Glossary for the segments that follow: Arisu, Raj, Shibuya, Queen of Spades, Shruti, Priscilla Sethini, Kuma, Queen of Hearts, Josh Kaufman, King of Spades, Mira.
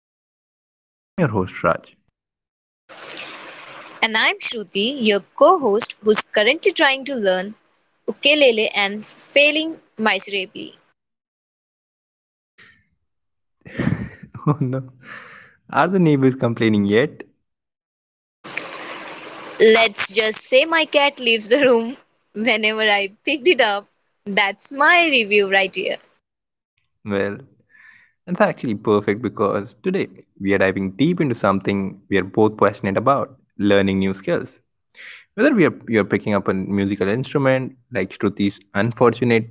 Skill Seekers. I'm your host, Raj. And I'm Shruti, your co host, who's currently trying to learn ukulele and failing miserably. Oh no. Are the neighbors complaining yet? Let's just say my cat leaves the room whenever I picked it up. That's my review right here. Well, it's actually perfect because today we are diving deep into something we are both passionate about learning new skills. Whether you're picking up a musical instrument like Shruti's unfortunate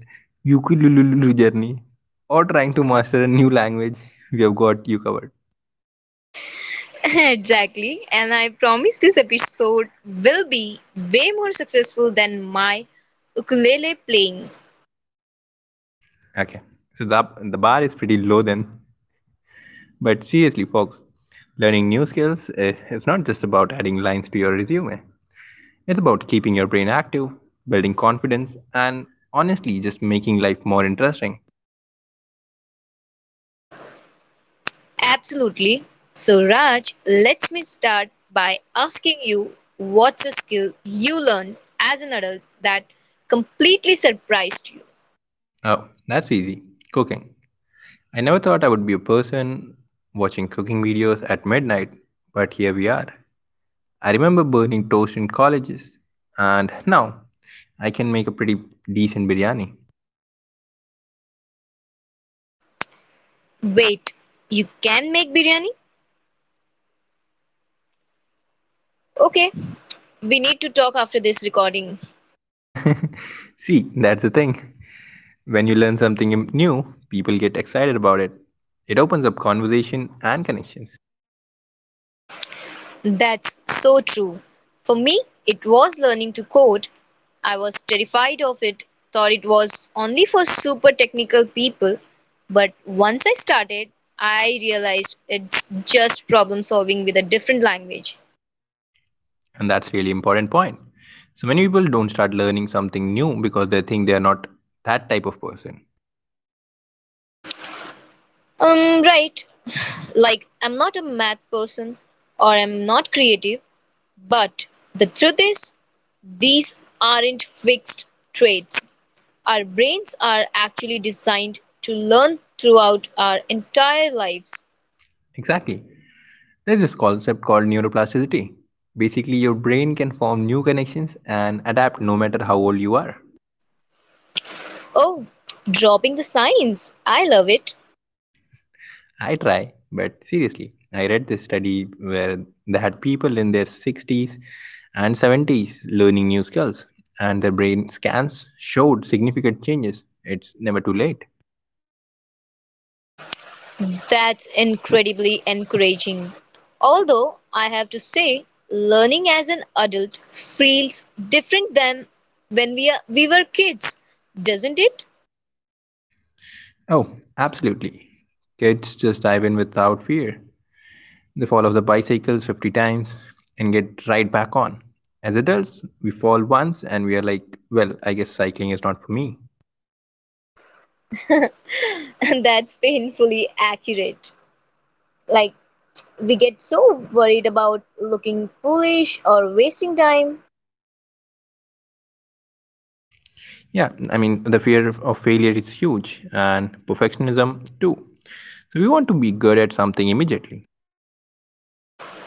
ukulele journey or trying to master a new language, we have got you covered. exactly. And I promise this episode will be way more successful than my ukulele playing. Okay, so the bar is pretty low then. But seriously, folks, learning new skills is not just about adding lines to your resume. It's about keeping your brain active, building confidence, and honestly, just making life more interesting. Absolutely. So, Raj, let me start by asking you what's a skill you learned as an adult that completely surprised you? Oh, that's easy, cooking. I never thought I would be a person watching cooking videos at midnight, but here we are. I remember burning toast in colleges, and now I can make a pretty decent biryani. Wait, you can make biryani? Okay, we need to talk after this recording. See, that's the thing. When you learn something new, people get excited about it. It opens up conversation and connections. That's so true. For me, it was learning to code. I was terrified of it, thought it was only for super technical people. But once I started, I realized it's just problem solving with a different language. And that's really important point. So many people don't start learning something new because they think they are not that type of person. Right. Like, I'm not a math person or I'm not creative, but the truth is, these aren't fixed traits. Our brains are actually designed to learn throughout our entire lives. Exactly. There's this concept called neuroplasticity. Basically, your brain can form new connections and adapt no matter how old you are. Oh, dropping the science. I love it. I try, but seriously, I read this study where they had people in their 60s and 70s learning new skills, and their brain scans showed significant changes. It's never too late. That's incredibly encouraging. Although I have to say, learning as an adult feels different than when we were kids, doesn't it? Oh, absolutely. Kids just dive in without fear. They fall off the bicycles 50 times and get right back on. As adults, we fall once and we are like, well, I guess cycling is not for me. And that's painfully accurate. Like, we get so worried about looking foolish or wasting time. Yeah, I mean, the fear of failure is huge, and perfectionism too. So, we want to be good at something immediately,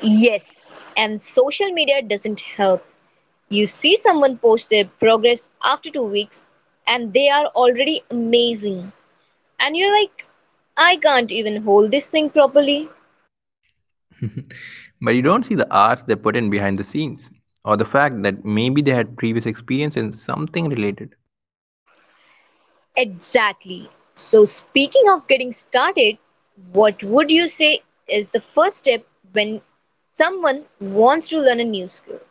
Yes, and social media doesn't help. You see someone post their progress after 2 weeks and they are already amazing. And you're like, I can't even hold this thing properly. but you don't see the hours they put in behind the scenes, or the fact that maybe they had previous experience in something related. Exactly. So, speaking of getting started, what would you say is the first step when someone wants to learn a new skill?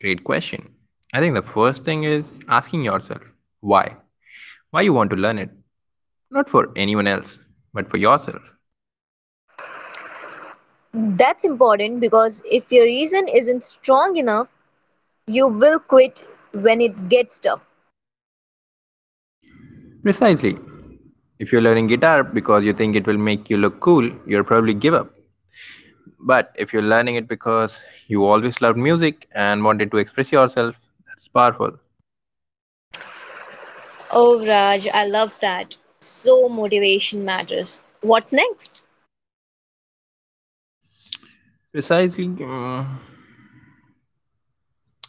Great question. I think the first thing is asking yourself why. Why you want to learn it? Not for anyone else, but for yourself. That's important because if your reason isn't strong enough, you will quit when it gets tough. Precisely. If you're learning guitar because you think it will make you look cool, you'll probably give up. But if you're learning it because you always loved music and wanted to express yourself, that's powerful. Oh, Raj, I love that. So motivation matters. What's next? Precisely,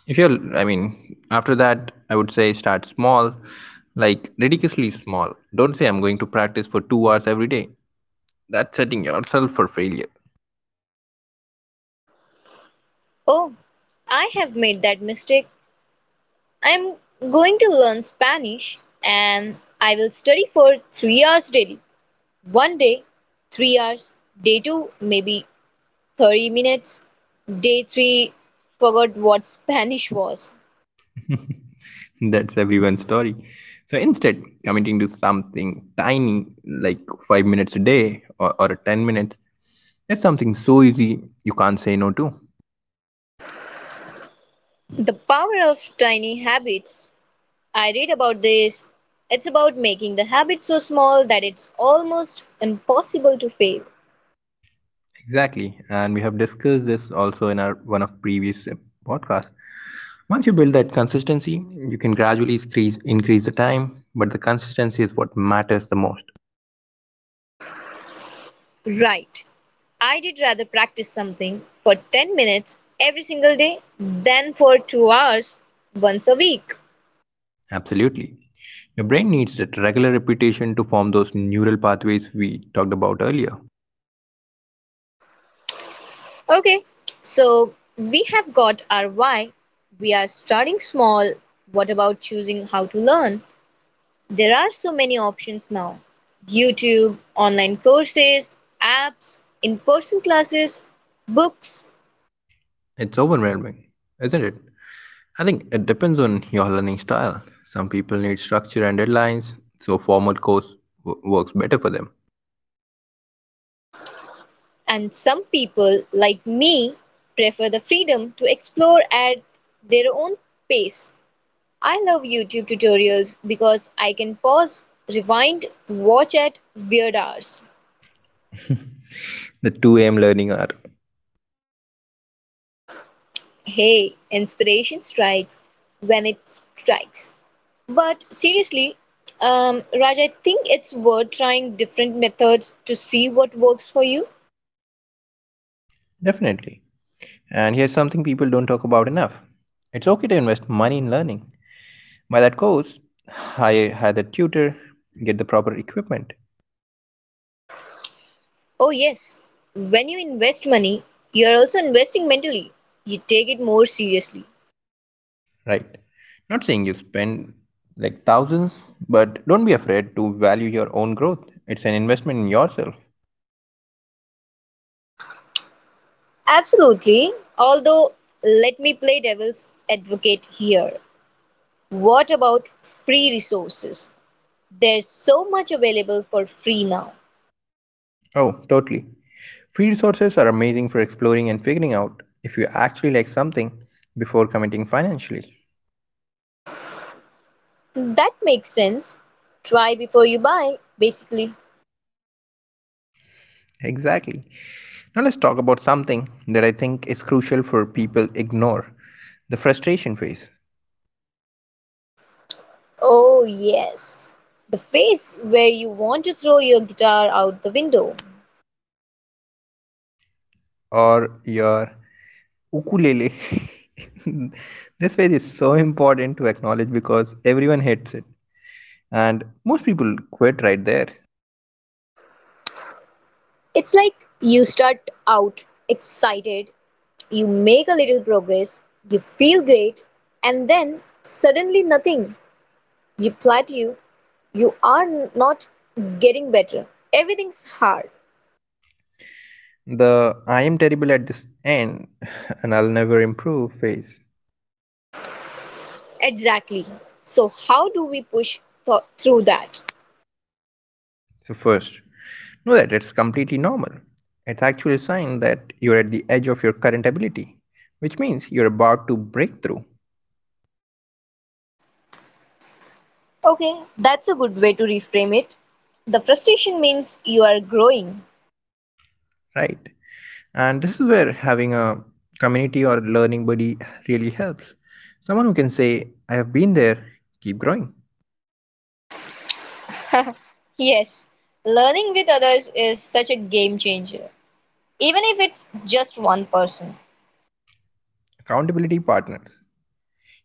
if you're, I mean, after that, I would say start small, like ridiculously small. Don't say I'm going to practice for 2 hours every day. That's setting yourself for failure. Oh, I have made that mistake. I'm going to learn Spanish and I will study for 3 hours daily. One day, 3 hours. Day two, maybe 30 minutes. Day three, forgot what Spanish was. That's everyone's story. So instead, committing to something tiny, like 5 minutes a day or 10 minutes, that's something so easy you can't say no to. The power of tiny habits. I read about this. It's about making the habit so small that it's almost impossible to fail. Exactly, and we have discussed this also in our one of previous podcasts. Once you build that consistency, you can gradually increase the time, but the consistency is what matters the most. Right. I did rather practice something for 10 minutes every single day than for 2 hours once a week. Absolutely. Your brain needs that regular repetition to form those neural pathways we talked about earlier. Okay, so we have got our why. We are starting small. What about choosing how to learn? There are so many options now YouTube, online courses, apps, in person classes, books, It's overwhelming, isn't it? I think it depends on your learning style. Some people need structure and deadlines, so formal course works better for them. and some people like me prefer the freedom to explore at their own pace. I love YouTube tutorials because I can pause, rewind, watch at weird hours. The 2 a.m. learning hour. Hey, inspiration strikes when it strikes. But seriously, Raj, I think it's worth trying different methods to see what works for you. Definitely. And here's something people don't talk about enough, it's okay to invest money in learning. By that course, hire the tutor, get the proper equipment. Oh, yes, when you invest money, you're also investing mentally. You take it more seriously. Right. Not saying you spend like thousands, but don't be afraid to value your own growth. It's an investment in yourself. Absolutely. Although, let me play devil's advocate here. What about free resources? There's so much available for free now. Oh, totally. Free resources are amazing for exploring and figuring out if you actually like something before committing financially. That makes sense. Try before you buy, basically. Exactly. Now let's talk about something that I think is crucial for people ignore, the frustration phase Oh, yes. The phase where you want to throw your guitar out the window. or your ukulele. This phase is so important to acknowledge because everyone hates it and most people quit right there. It's like you start out excited, you make a little progress, you feel great, and then suddenly nothing. You plateau, you are not getting better. Everything's hard. The I am terrible at this end and I'll never improve phase. Exactly. So, how do we push through that? So, first, know that it's completely normal. It's actually a sign that you're at the edge of your current ability, which means you're about to break through, Okay, that's a good way to reframe it. The frustration means you are growing. right? And this is where having a community or learning buddy really helps. Someone who can say, I have been there, keep growing. Yes, learning with others is such a game changer, even if it's just one person. Accountability partners.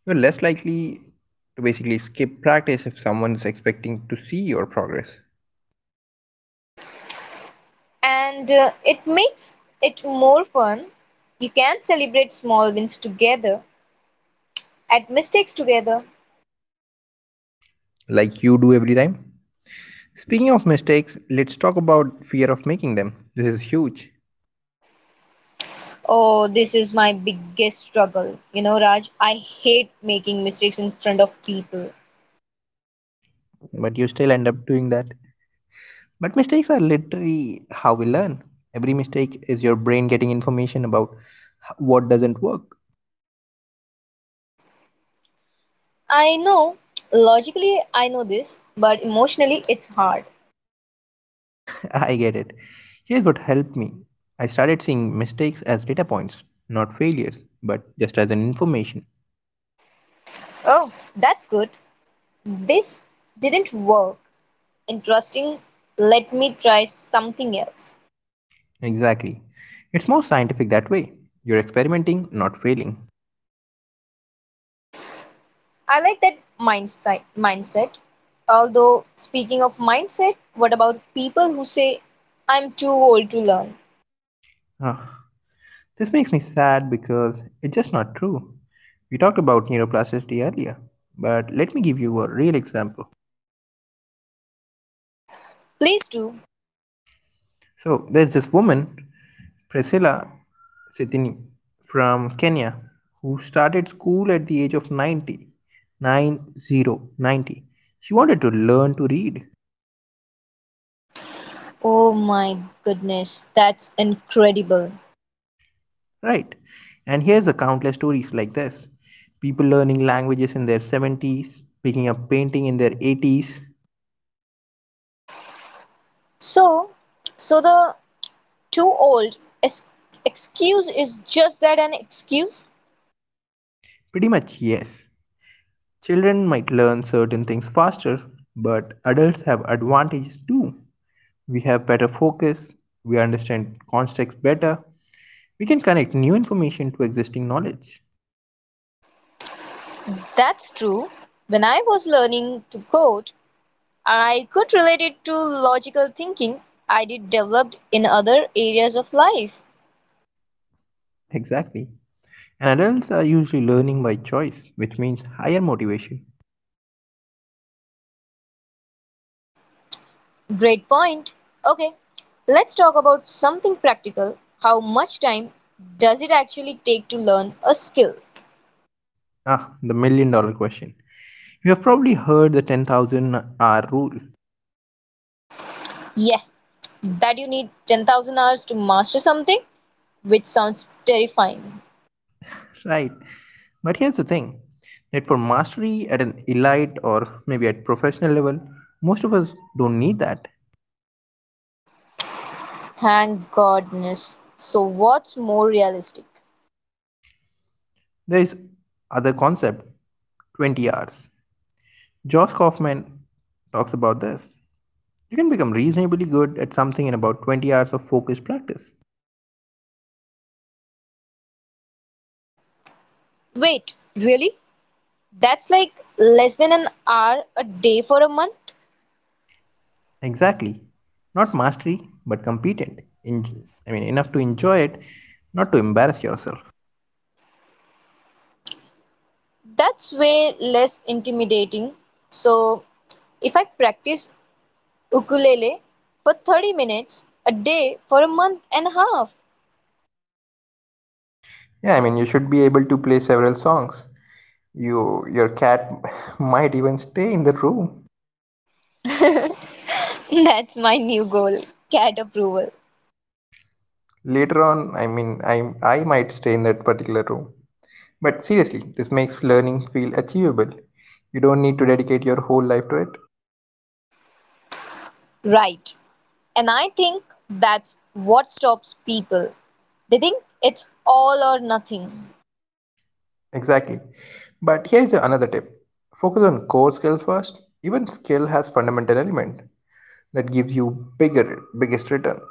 You're less likely to basically skip practice if someone's expecting to see your progress, And It makes it more fun. You can celebrate small wins together, at mistakes together. like you do every time. Speaking of mistakes, let's talk about fear of making them. This is huge, Oh, this is my biggest struggle. You know, Raj, I hate making mistakes in front of people. but you still end up doing that. But mistakes are literally how we learn. Every mistake is your brain getting information about what doesn't work. I know, logically, I know this, but emotionally, it's hard. I get it. Here's what helped me, I started seeing mistakes as data points, not failures, but just as an information. Oh, that's good. This didn't work. Interesting. Let me try something else. Exactly. It's more scientific that way. You're experimenting, not failing. I like that mindset. Mindset. Although, speaking of mindset, what about people who say, I'm too old to learn? Ah, this makes me sad because it's just not true. We talked about neuroplasticity earlier, but let me give you a real example. Please do. So, there's this woman, Priscilla Sethini, from Kenya, who started school at the age of 90, nine zero, 90. She wanted to learn to read. Oh my goodness, that's incredible. Right. And here's a countless stories like this, people learning languages in their 70s, picking up painting in their 80s. So, so the too old excuse is just that an excuse? Pretty much, yes. Children might learn certain things faster, but adults have advantages too. We have better focus, we understand context better, we can connect new information to existing knowledge. That's true. When I was learning to code, I could relate it to logical thinking I did developed in other areas of life. Exactly. And adults are usually learning by choice, which means higher motivation. Great point. Okay, let's talk about something practical. How much time does it actually take to learn a skill? Ah, the million dollar question. You have probably heard the 10,000 hour rule. Yeah, that you need 10,000 hours to master something, which sounds terrifying. Right. But here's the thing, that for mastery at an elite or maybe at professional level, most of us don't need that. Thank goodness. So, what's more realistic? There is other concept, 20 hours. Josh Kaufman talks about this. You can become reasonably good at something in about 20 hours of focused practice. Wait, really? That's like less than an hour a day for a month. Exactly. Not mastery, but competent. I mean, enough to enjoy it, not to embarrass yourself. That's way less intimidating. So, if I practice ukulele for 30 minutes a day for a month and a half, Yeah, I mean, you should be able to play several songs. You, your cat might even stay in the room. that's my new goal. Cat approval. Later on, I mean, I might stay in that particular room. But seriously, this makes learning feel achievable. You don't need to dedicate your whole life to it. Right. And I think that's what stops people. They think it's all or nothing. Exactly. But here is another tip, focus on core skill first. Even skill has fundamental element that gives you bigger biggest return.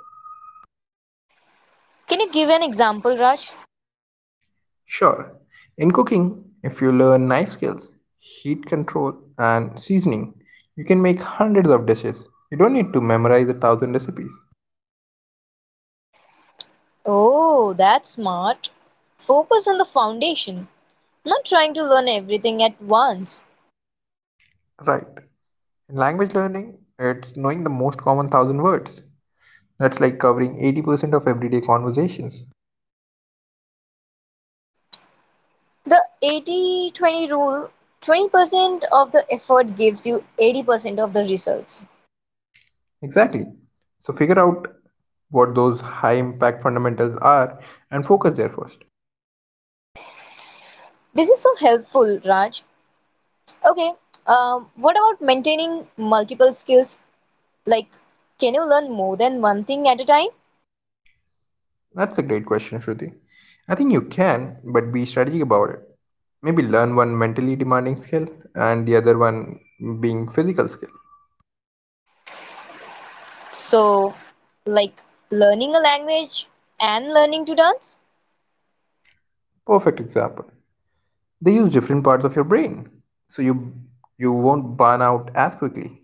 Can you give an example, Raj? Sure. In cooking, if you learn knife skills, heat control, and seasoning, you can make hundreds of dishes. You don't need to memorize a thousand recipes. Oh, that's smart. Focus on the foundation, not trying to learn everything at once. Right. In language learning, it's knowing the most common thousand words. That's like covering 80% of everyday conversations. The 80-20 rule 20% of the effort gives you 80% of the results. Exactly. So figure out what those high impact fundamentals are and focus there first. This is so helpful, Raj. Okay, what about maintaining multiple skills? Like, can you learn more than one thing at a time? That's a great question, Shruti. I think you can, but be strategic about it. Maybe learn one mentally demanding skill and the other one being physical skill. So, like learning a language and learning to dance, Perfect example. They use different parts of your brain, so you won't burn out as quickly.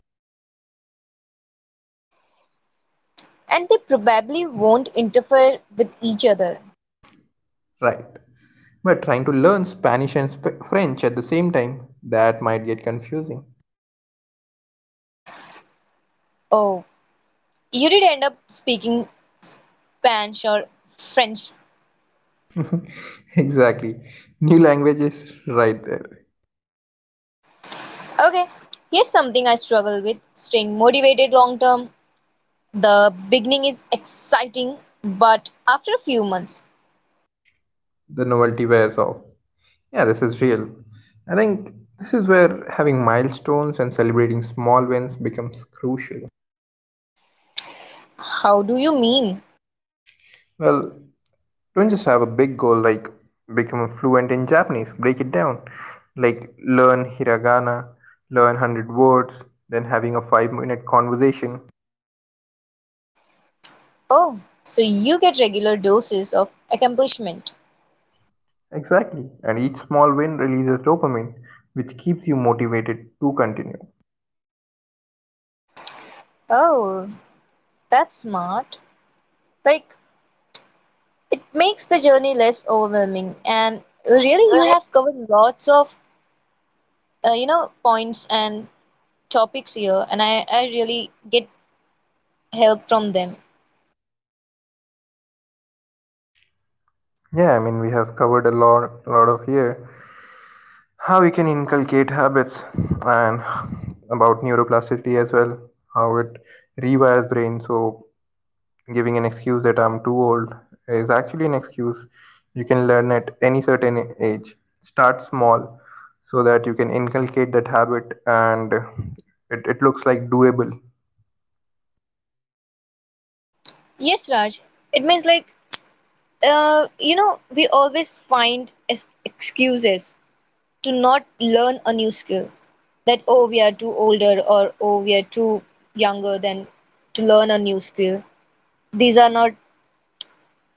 and they probably won't interfere with each other. Right. But trying to learn Spanish and French at the same time, that might get confusing. Oh, you did end up speaking Spanish or French. Exactly. New languages right there. Okay, here's something I struggle with staying motivated long term. The beginning is exciting, but after a few months, The novelty wears off. Yeah, this is real. I think this is where having milestones and celebrating small wins becomes crucial. how do you mean? Well, don't just have a big goal like become fluent in Japanese, break it down. Like learn hiragana, learn 100 words, then having a 5-minute conversation. Oh, so you get regular doses of accomplishment. Exactly, and each small win releases dopamine, which keeps you motivated to continue. Oh, that's smart. Like, it makes the journey less overwhelming, and really, you have covered lots of, you know, points and topics here, and I really get help from them. Yeah, I mean we have covered a lot of here, how we can inculcate habits and about neuroplasticity as well, how it rewires brain. So giving an excuse that I'm too old is actually an excuse. You can learn at any certain age. Start small so that you can inculcate that habit, and it looks like doable. Yes, Raj. It means like, you know, we always find excuses to not learn a new skill. That, oh, we are too older or oh, we are too younger than to learn a new skill. These are not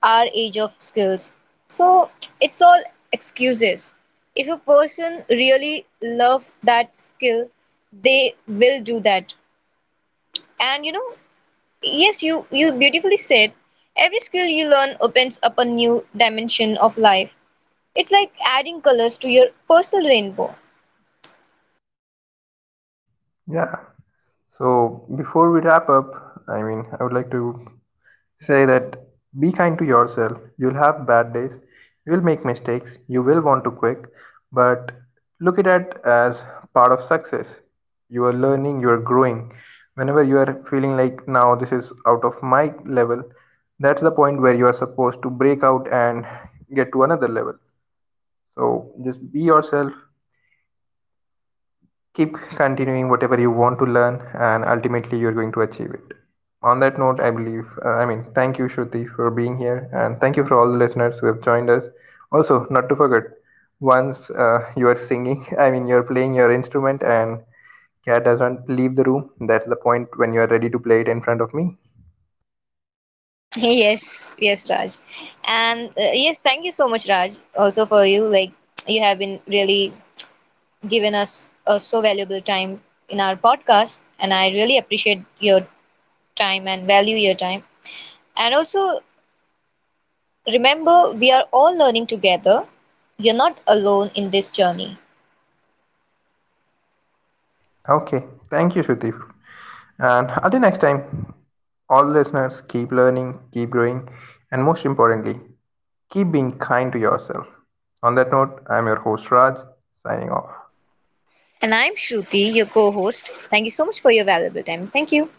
our age of skills. So it's all excuses. If a person really love that skill, they will do that. And you know, yes, you beautifully said. Every skill you learn opens up a new dimension of life. It's like adding colors to your personal rainbow. Yeah. So before we wrap up, I mean, I would like to say that be kind to yourself. You'll have bad days, you'll make mistakes, you will want to quit, but look at it as part of success. You are learning, you are growing. Whenever you are feeling like now this is out of my level, that's the point where you are supposed to break out and get to another level. So just be yourself, keep continuing whatever you want to learn and ultimately you're going to achieve it. On that note, I believe, I mean, thank you, Shruti, for being here and thank you for all the listeners who have joined us. Also, not to forget, once you are singing I mean you're playing your instrument and cat doesn't leave the room, that's the point when you are ready to play it in front of me. Yes, yes, Raj. And yes, thank you so much, Raj, also for you. Like, you have been really given us a so valuable time in our podcast, and I really appreciate your time and value your time. And also, remember, we are all learning together. You're not alone in this journey. Okay, thank you, Shruti. And until next time, all listeners, keep learning, keep growing, and most importantly, keep being kind to yourself. On that note, I'm your host Raj, signing off. And I'm Shruti, your co host. Thank you so much for your valuable time. Thank you.